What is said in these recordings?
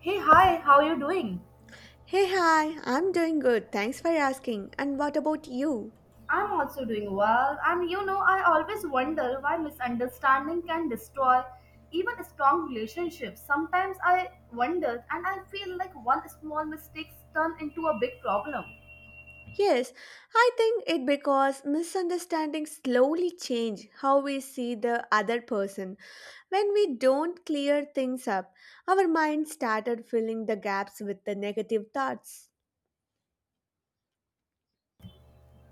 Hey, hi, how are you doing? Hey, hi, I'm doing good. Thanks for asking. And what about you? I'm also doing well, and you know, I always wonder why misunderstanding can destroy even strong relationships. Sometimes I wonder, and I feel like one small mistake turn into a big problem. Yes, I think it because misunderstandings slowly change how we see the other person. When we don't clear things up, our mind started filling the gaps with the negative thoughts.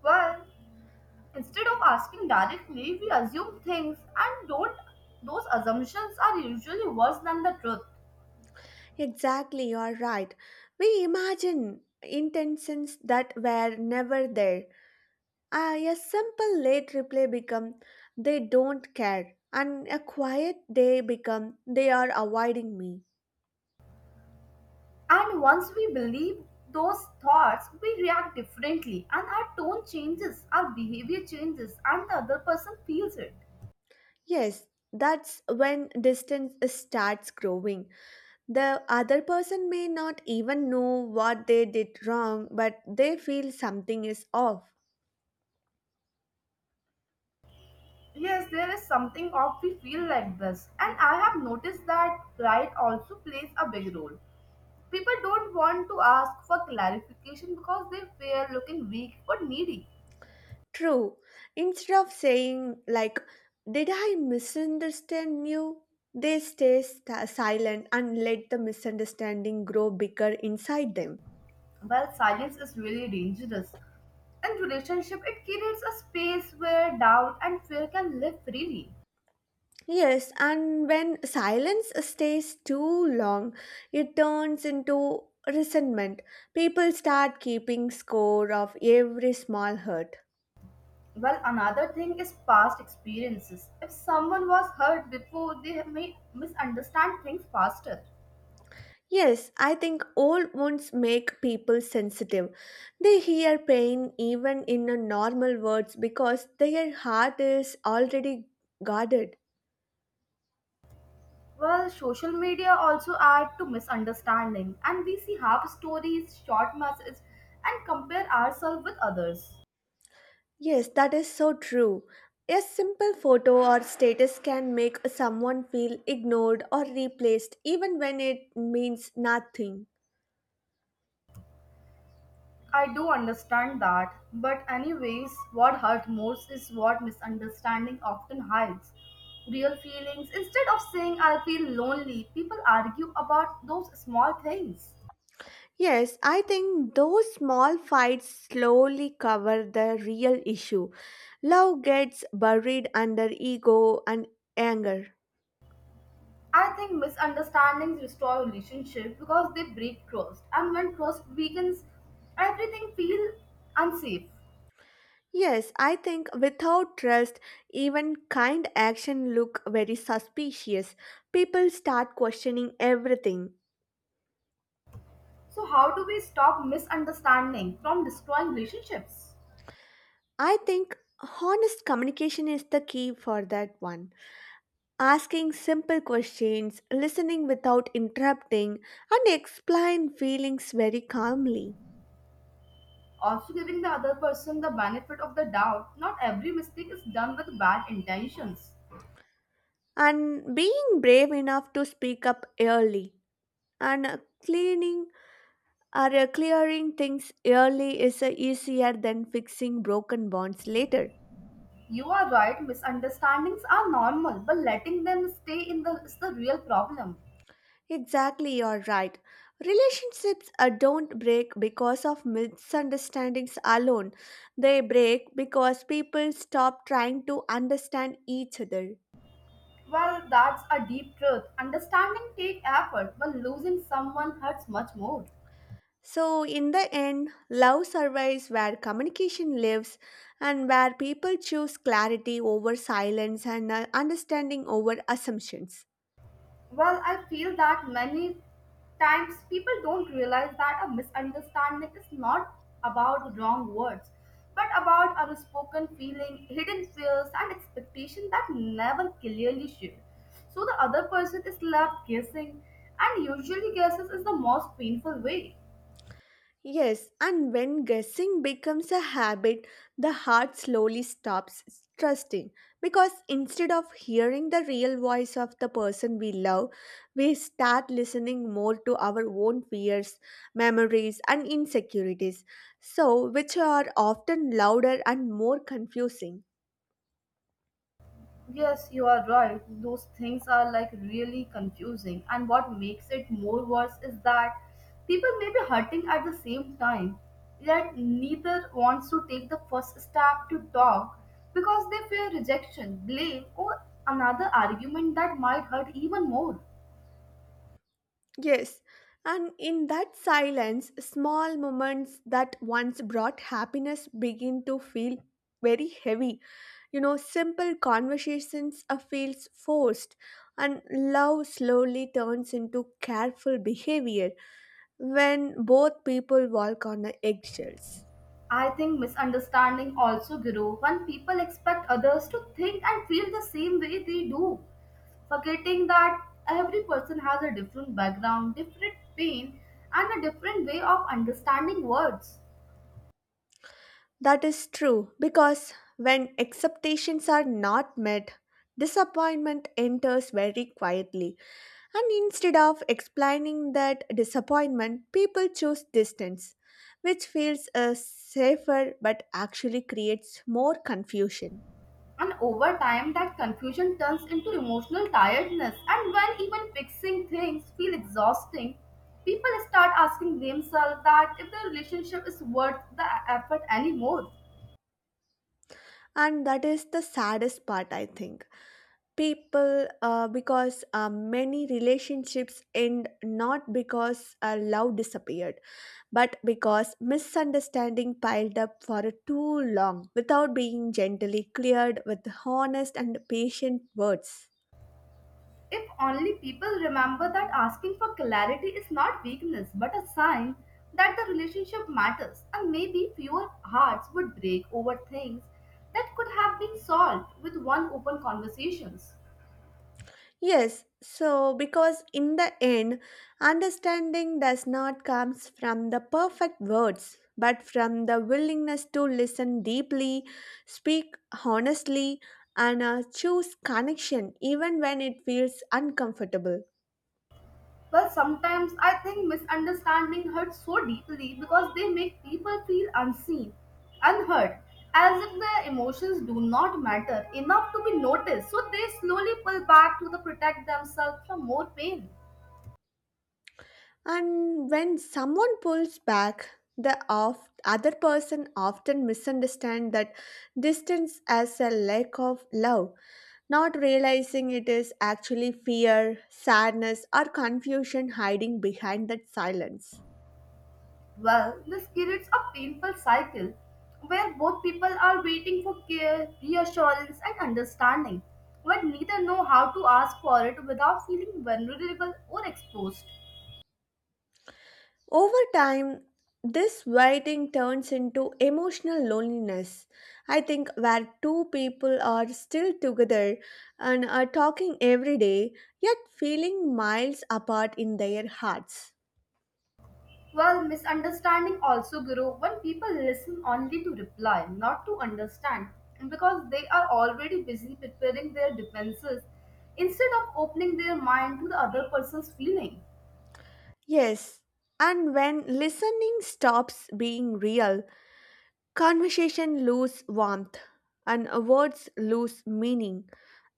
Well, instead of asking directly, we assume things, and don't those assumptions are usually worse than the truth. Exactly, you're right. We imagine intentions that were never there. A simple late reply become they don't care, and a quiet day become they are avoiding me. And once we believe those thoughts, we react differently, and our tone changes, our behavior changes, and the other person feels it. Yes, that's when distance starts growing. The other person may not even know what they did wrong, but they feel something is off. Yes, there is something of we feel like this, and I have noticed that pride also plays a big role. People don't want to ask for clarification because they fear looking weak or needy. True. Instead of saying, like, did I misunderstand you? They stay sta silent and let the misunderstanding grow bigger inside them. Well, silence is really dangerous. In relationship, it creates a space where doubt and fear can live freely. Yes, and when silence stays too long, it turns into resentment. People start keeping score of every small hurt. Well, another thing is past experiences. If someone was hurt before, they may misunderstand things faster. Yes, I think old wounds make people sensitive. They hear pain even in a normal words because their heart is already guarded. Well, social media also add to misunderstanding, and we see half stories, short messages, and compare ourselves with others. Yes, that is so true. A simple photo or status can make someone feel ignored or replaced even when it means nothing. I do understand that, but anyways, what hurt most is what misunderstanding often hides. Real feelings. Instead of saying I feel lonely, people argue about those small things. Yes, I think those small fights slowly cover the real issue. Love gets buried under ego and anger. I think misunderstandings destroy relationships because they break trust, and when trust weakens, everything feels unsafe. Yes, I think without trust, even kind action look very suspicious. People start questioning everything. So, how do we stop misunderstanding from destroying relationships? I think honest communication is the key for that one. Asking simple questions, listening without interrupting, and explain feelings very calmly. Also, giving the other person the benefit of the doubt. Not every mistake is done with bad intentions. And being brave enough to speak up early. And cleaning or clearing things early is easier than fixing broken bonds later. You are right, misunderstandings are normal, but letting them stay in the is the real problem. Exactly, you're right. Relationships don't break because of misunderstandings alone. They break because people stop trying to understand each other. Well, that's a deep truth. Understanding take effort, but losing someone hurts much more. So, in the end, love survives where communication lives and where people choose clarity over silence and understanding over assumptions. Well, I feel that many times people don't realize that a misunderstanding is not about wrong words, but about unspoken feeling, hidden fears, and expectation that never clearly shared. So the other person is left guessing, and usually guesses is the most painful way. Yes, and when guessing becomes a habit, the heart slowly stops trusting because instead of hearing the real voice of the person we love, we start listening more to our own fears, memories, and insecurities, so which are often louder and more confusing. Yes, you are right. Those things are like really confusing. And what makes it more worse is that people may be hurting at the same time, yet neither wants to take the first step to talk because they fear rejection, blame, or another argument that might hurt even more. Yes, and in that silence, small moments that once brought happiness begin to feel very heavy. You know, simple conversations feels forced, and love slowly turns into careful behavior when both people walk on the eggshells. I think misunderstanding also grow when people expect others to think and feel the same way they do, forgetting that every person has a different background, different pain, and a different way of understanding words. That is true because when expectations are not met, disappointment enters very quietly. And instead of explaining that disappointment, people choose distance, which feels safer but actually creates more confusion. And over time, that confusion turns into emotional tiredness. And when even fixing things feel exhausting, people start asking themselves that if the relationship is worth the effort anymore. And that is the saddest part, I think. People because many relationships end not because love disappeared but because misunderstanding piled up for too long without being gently cleared with honest and patient words. If only people remember that asking for clarity is not weakness but a sign that the relationship matters, and maybe fewer hearts would break over things that could have been solved with one open conversations. Yes, so because in the end, understanding does not comes from the perfect words, but from the willingness to listen deeply, speak honestly, and choose connection even when it feels uncomfortable. Well, sometimes I think misunderstanding hurts so deeply because they make people feel unseen, unheard, as if their emotions do not matter enough to be noticed, so they slowly pull back to the protect themselves from more pain. And when someone pulls back, the other person often misunderstands that distance as a lack of love, not realizing it is actually fear, sadness, or confusion hiding behind that silence. Well, this creates a painful cycle where both people are waiting for care, reassurance, and understanding, but neither know how to ask for it without feeling vulnerable or exposed. Over time, this waiting turns into emotional loneliness. I think where two people are still together and are talking every day, yet feeling miles apart in their hearts. Well, misunderstanding also grow when people listen only to reply, not to understand, because they are already busy preparing their defenses instead of opening their mind to the other person's feeling. Yes, and when listening stops being real, conversation lose warmth and words lose meaning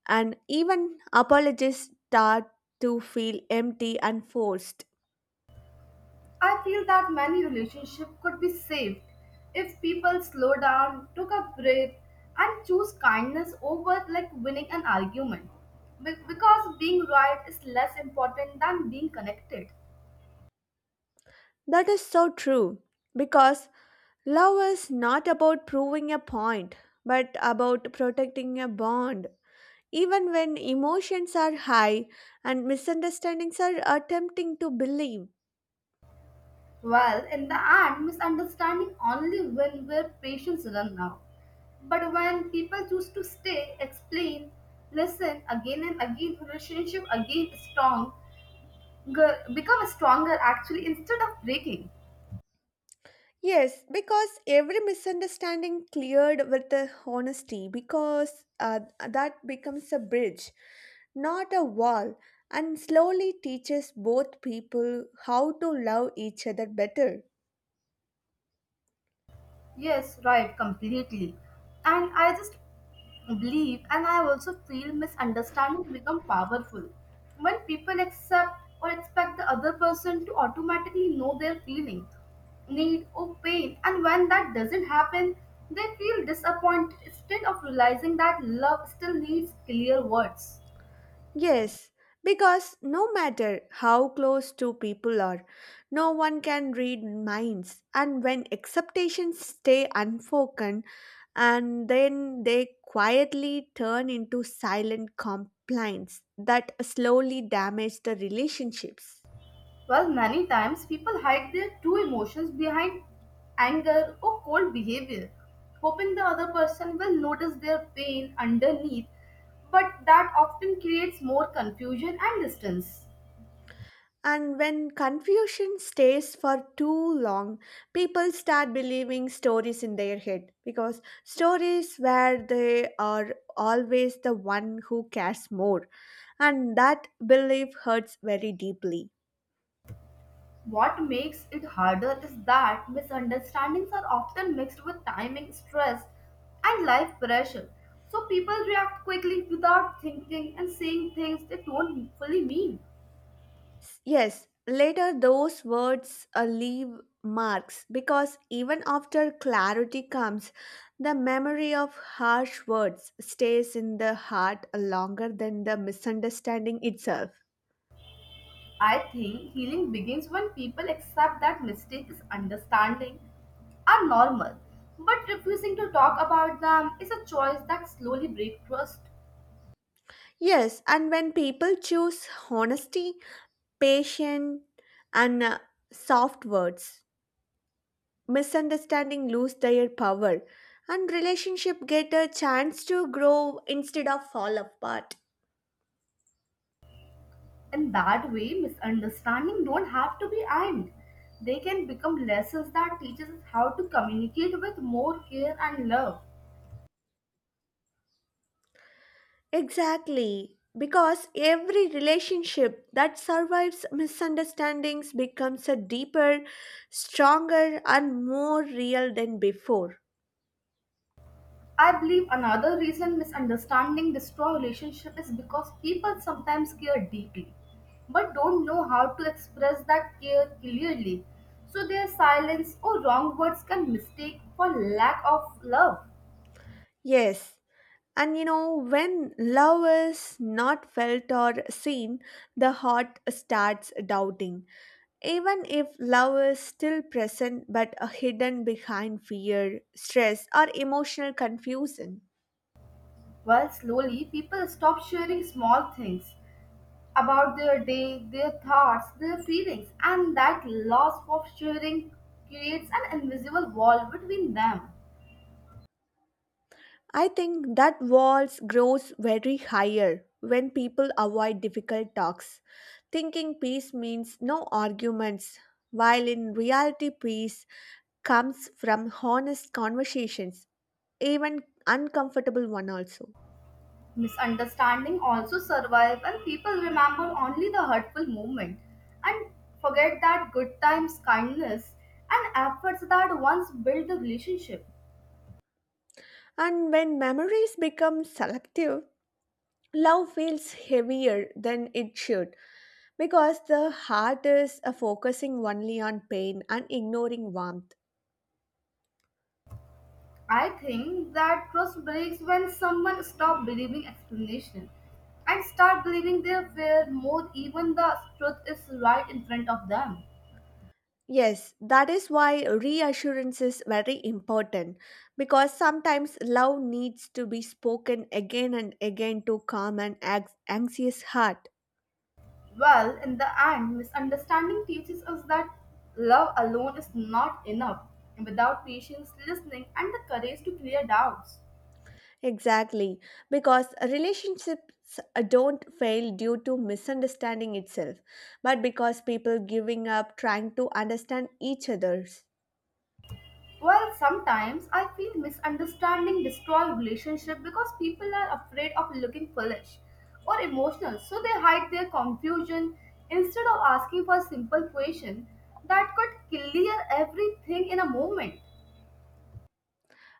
and even apologies start to feel empty and forced. I feel that many relationships could be saved if people slow down, took a breath, and choose kindness over like winning an argument. Because being right is less important than being connected. That is so true because love is not about proving a point but about protecting a bond. Even when emotions are high and misunderstandings are attempting to believe. Well, in the end, misunderstanding only win where patience run out. But when people choose to stay, explain, listen again and again, relationship again strong, become stronger actually instead of breaking. Yes, because every misunderstanding cleared with the honesty because that becomes a bridge, not a wall, and slowly teaches both people how to love each other better. Yes, right, completely. And I just believe and I also feel misunderstanding become powerful. When people accept or expect the other person to automatically know their feeling, need or pain, and when that doesn't happen, they feel disappointed instead of realizing that love still needs clear words. Yes, because no matter how close two people are, no one can read minds. And when expectations stay unspoken, and then they quietly turn into silent complaints that slowly damage the relationships. Well, many times people hide their true emotions behind anger or cold behavior, hoping the other person will notice their pain underneath, but that often creates more confusion and distance. And when confusion stays for too long, people start believing stories in their head because stories where they are always the one who cares more, and that belief hurts very deeply. What makes it harder is that misunderstandings are often mixed with timing, stress, and life pressure. So people react quickly without thinking and saying things they don't fully mean. Yes, later those words leave marks because even after clarity comes, the memory of harsh words stays in the heart longer than the misunderstanding itself. I think healing begins when people accept that mistakes, understanding are normal, but refusing to talk about them is a choice that slowly breaks trust. Yes, and when people choose honesty, patience, and soft words, misunderstanding lose their power, and relationship get a chance to grow instead of fall apart. In that way, misunderstanding don't have to be end. They can become lessons that teaches us how to communicate with more care and love. Exactly, because every relationship that survives misunderstandings becomes a deeper, stronger, and more real than before. I believe another reason misunderstanding destroy relationship is because people sometimes care deeply but don't know how to express that care clearly. So their silence or wrong words can mistake for lack of love. Yes, and you know, when love is not felt or seen, the heart starts doubting. Even if love is still present but hidden behind fear, stress, or emotional confusion. While slowly people stop sharing small things about their day, their thoughts, their feelings and that loss of sharing creates an invisible wall between them. I think that walls grows very higher when people avoid difficult talks, thinking peace means no arguments, while in reality peace comes from honest conversations even uncomfortable one also. Misunderstanding also survive and people remember only the hurtful moment and forget that good times kindness and efforts that once built the relationship. And when memories become selective, love feels heavier than it should because the heart is focusing only on pain and ignoring warmth. I think that trust breaks when someone stop believing explanation and start believing their fear more even the truth is right in front of them. Yes, that is why reassurance is very important because sometimes love needs to be spoken again and again to calm an anxious heart. Well, in the end, misunderstanding teaches us that love alone is not enough. And without patience, listening, and the courage to clear doubts. Exactly, because relationships don't fail due to misunderstanding itself, but because people giving up trying to understand each other's. Well, sometimes I feel misunderstanding destroy relationship because people are afraid of looking foolish or emotional, so they hide their confusion instead of asking for a simple question that could clear everything in a moment.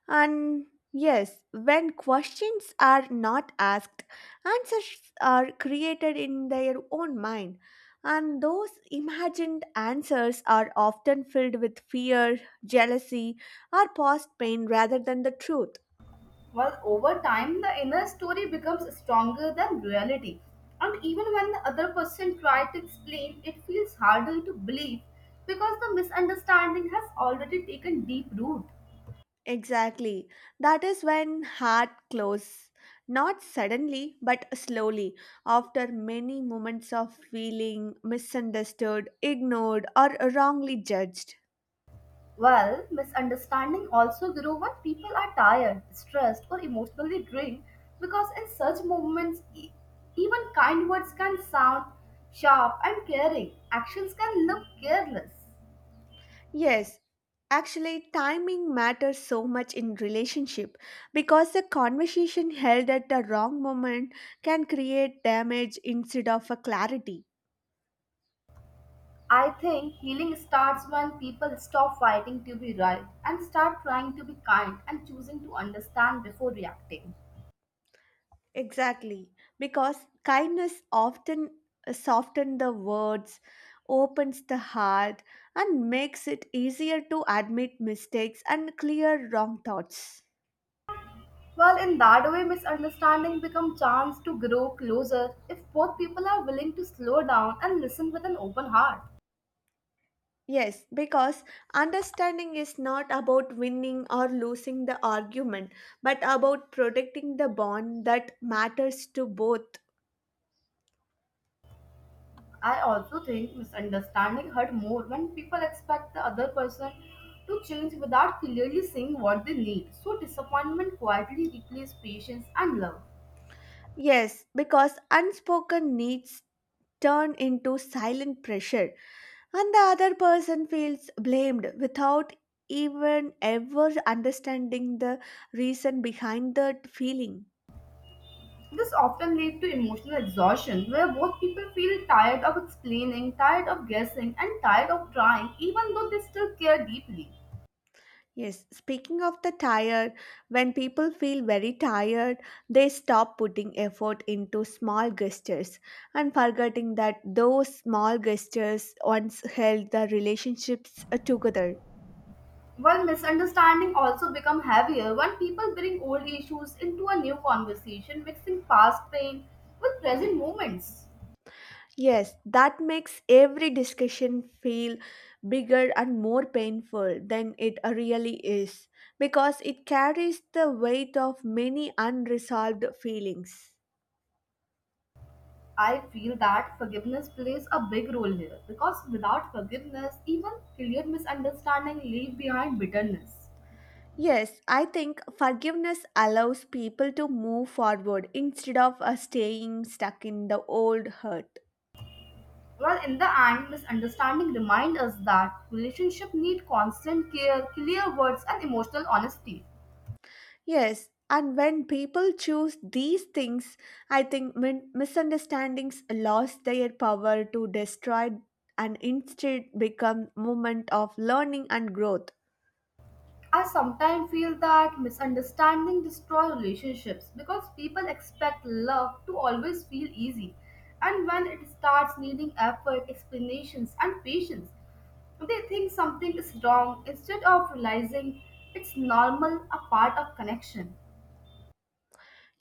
And yes, when questions are not asked, answers are created in their own mind, and those imagined answers are often filled with fear, jealousy, or past pain rather than the truth. Well, over time, the inner story becomes stronger than reality. And even when the other person tries to explain, it feels harder to believe because the misunderstanding has already taken deep root. Exactly. That is when heart closes. Not suddenly, but slowly, after many moments of feeling misunderstood, ignored, or wrongly judged. Well, misunderstanding also grow when people are tired, stressed, or emotionally drained because in such moments, even kind words can sound sharp and caring. Actions can look careless. Yes, actually, timing matters so much in relationship because the conversation held at the wrong moment can create damage instead of a clarity. I think healing starts when people stop fighting to be right and start trying to be kind and choosing to understand before reacting. Exactly, because kindness often softens the words, opens the heart, and makes it easier to admit mistakes and clear wrong thoughts. Well, in that way, misunderstanding become chance to grow closer if both people are willing to slow down and listen with an open heart. Yes, because understanding is not about winning or losing the argument, but about protecting the bond that matters to both. I also think misunderstanding hurt more when people expect the other person to change without clearly saying what they need. So disappointment quietly replaces patience and love. Yes, because unspoken needs turn into silent pressure, and the other person feels blamed without even ever understanding the reason behind that feeling. This often leads to emotional exhaustion where both people feel tired of explaining, tired of guessing, and tired of trying, even though they still care deeply. Yes, speaking of the tired, when people feel very tired, they stop putting effort into small gestures and forgetting that those small gestures once held the relationships together. While misunderstanding also become heavier when people bring old issues into a new conversation, mixing past pain with present moments. Yes, that makes every discussion feel bigger and more painful than it really is because it carries the weight of many unresolved feelings. I feel that forgiveness plays a big role here because without forgiveness, even clear misunderstanding leave behind bitterness. Yes, I think forgiveness allows people to move forward instead of staying stuck in the old hurt. Well, in the end, misunderstanding remind us that relationship need constant care, clear words, and emotional honesty. Yes, and when people choose these things, I think misunderstandings lost their power to destroy and instead become moment of learning and growth. I sometimes feel that misunderstanding destroy relationships because people expect love to always feel easy, and when it starts needing effort, explanations, and patience, they think something is wrong instead of realizing it's normal, a part of connection.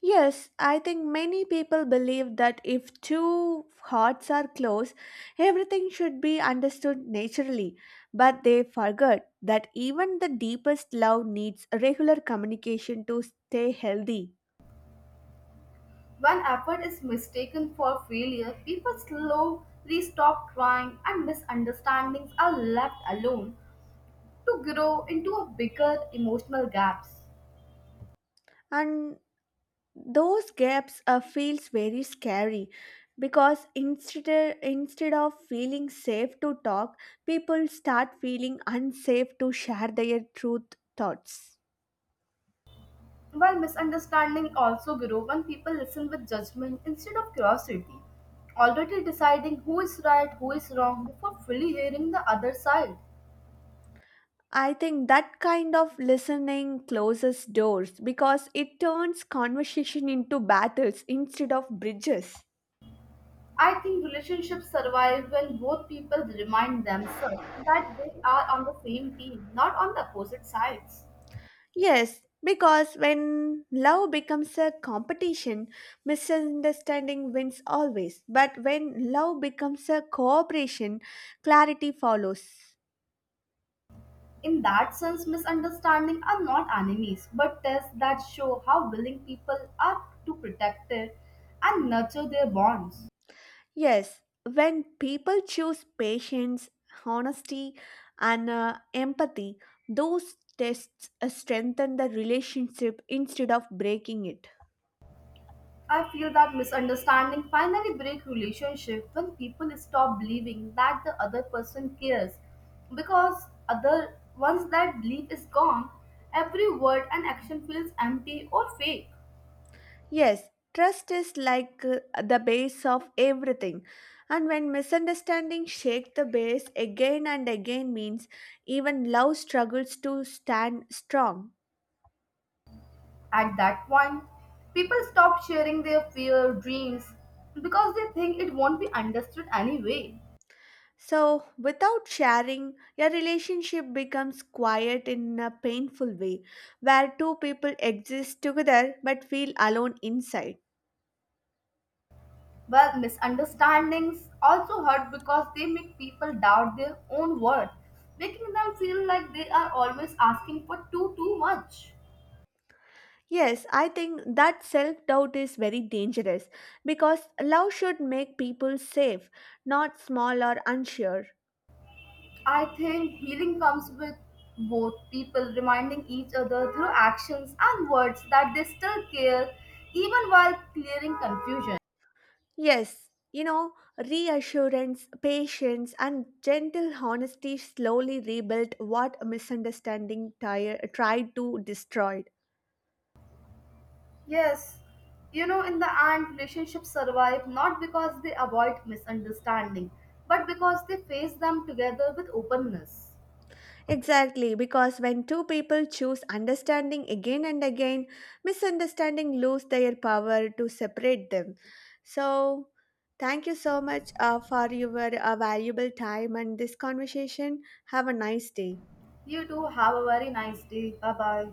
Yes, I think many people believe that if two hearts are close, everything should be understood naturally. But they forget that even the deepest love needs regular communication to stay healthy. When effort is mistaken for failure, people slowly stop trying and misunderstandings are left alone to grow into a bigger emotional gaps. And those gaps feels very scary because instead of feeling safe to talk, people start feeling unsafe to share their truth thoughts. While misunderstandings also grow when people listen with judgment instead of curiosity, already deciding who is right, who is wrong before fully hearing the other side. I think that kind of listening closes doors because it turns conversation into battles instead of bridges. I think relationships survive when both people remind themselves that they are on the same team, not on the opposite sides. Yes, because when love becomes a competition, misunderstanding wins always. But when love becomes a cooperation, clarity follows. In that sense, misunderstanding are not enemies, but tests that show how willing people are to protect it and nurture their bonds. Yes, when people choose patience, honesty, and empathy, those tests strengthen the relationship instead of breaking it. I feel that misunderstanding finally break relationship when people stop believing that the other person cares because other once that belief is gone, every word and action feels empty or fake. Yes, trust is like the base of everything. And when misunderstanding shake the base again and again means even love struggles to stand strong. At that point, people stop sharing their fear dreams because they think it won't be understood anyway. So, without sharing, your relationship becomes quiet in a painful way, where two people exist together but feel alone inside. Well, misunderstandings also hurt because they make people doubt their own worth, making them feel like they are always asking for too much. Yes, I think that self doubt is very dangerous because love should make people safe, not small or unsure. I think healing comes with both people reminding each other through actions and words that they still care even while clearing confusion. Yes, you know, reassurance, patience, and gentle honesty slowly rebuilt what a tried to destroy. Yes, you know, in the end, relationships survive not because they avoid misunderstanding, but because they face them together with openness. Exactly, because when two people choose understanding again and again, misunderstanding lose their power to separate them. So, thank you so much for your valuable time and this conversation. Have a nice day. You too have a very nice day. Bye bye.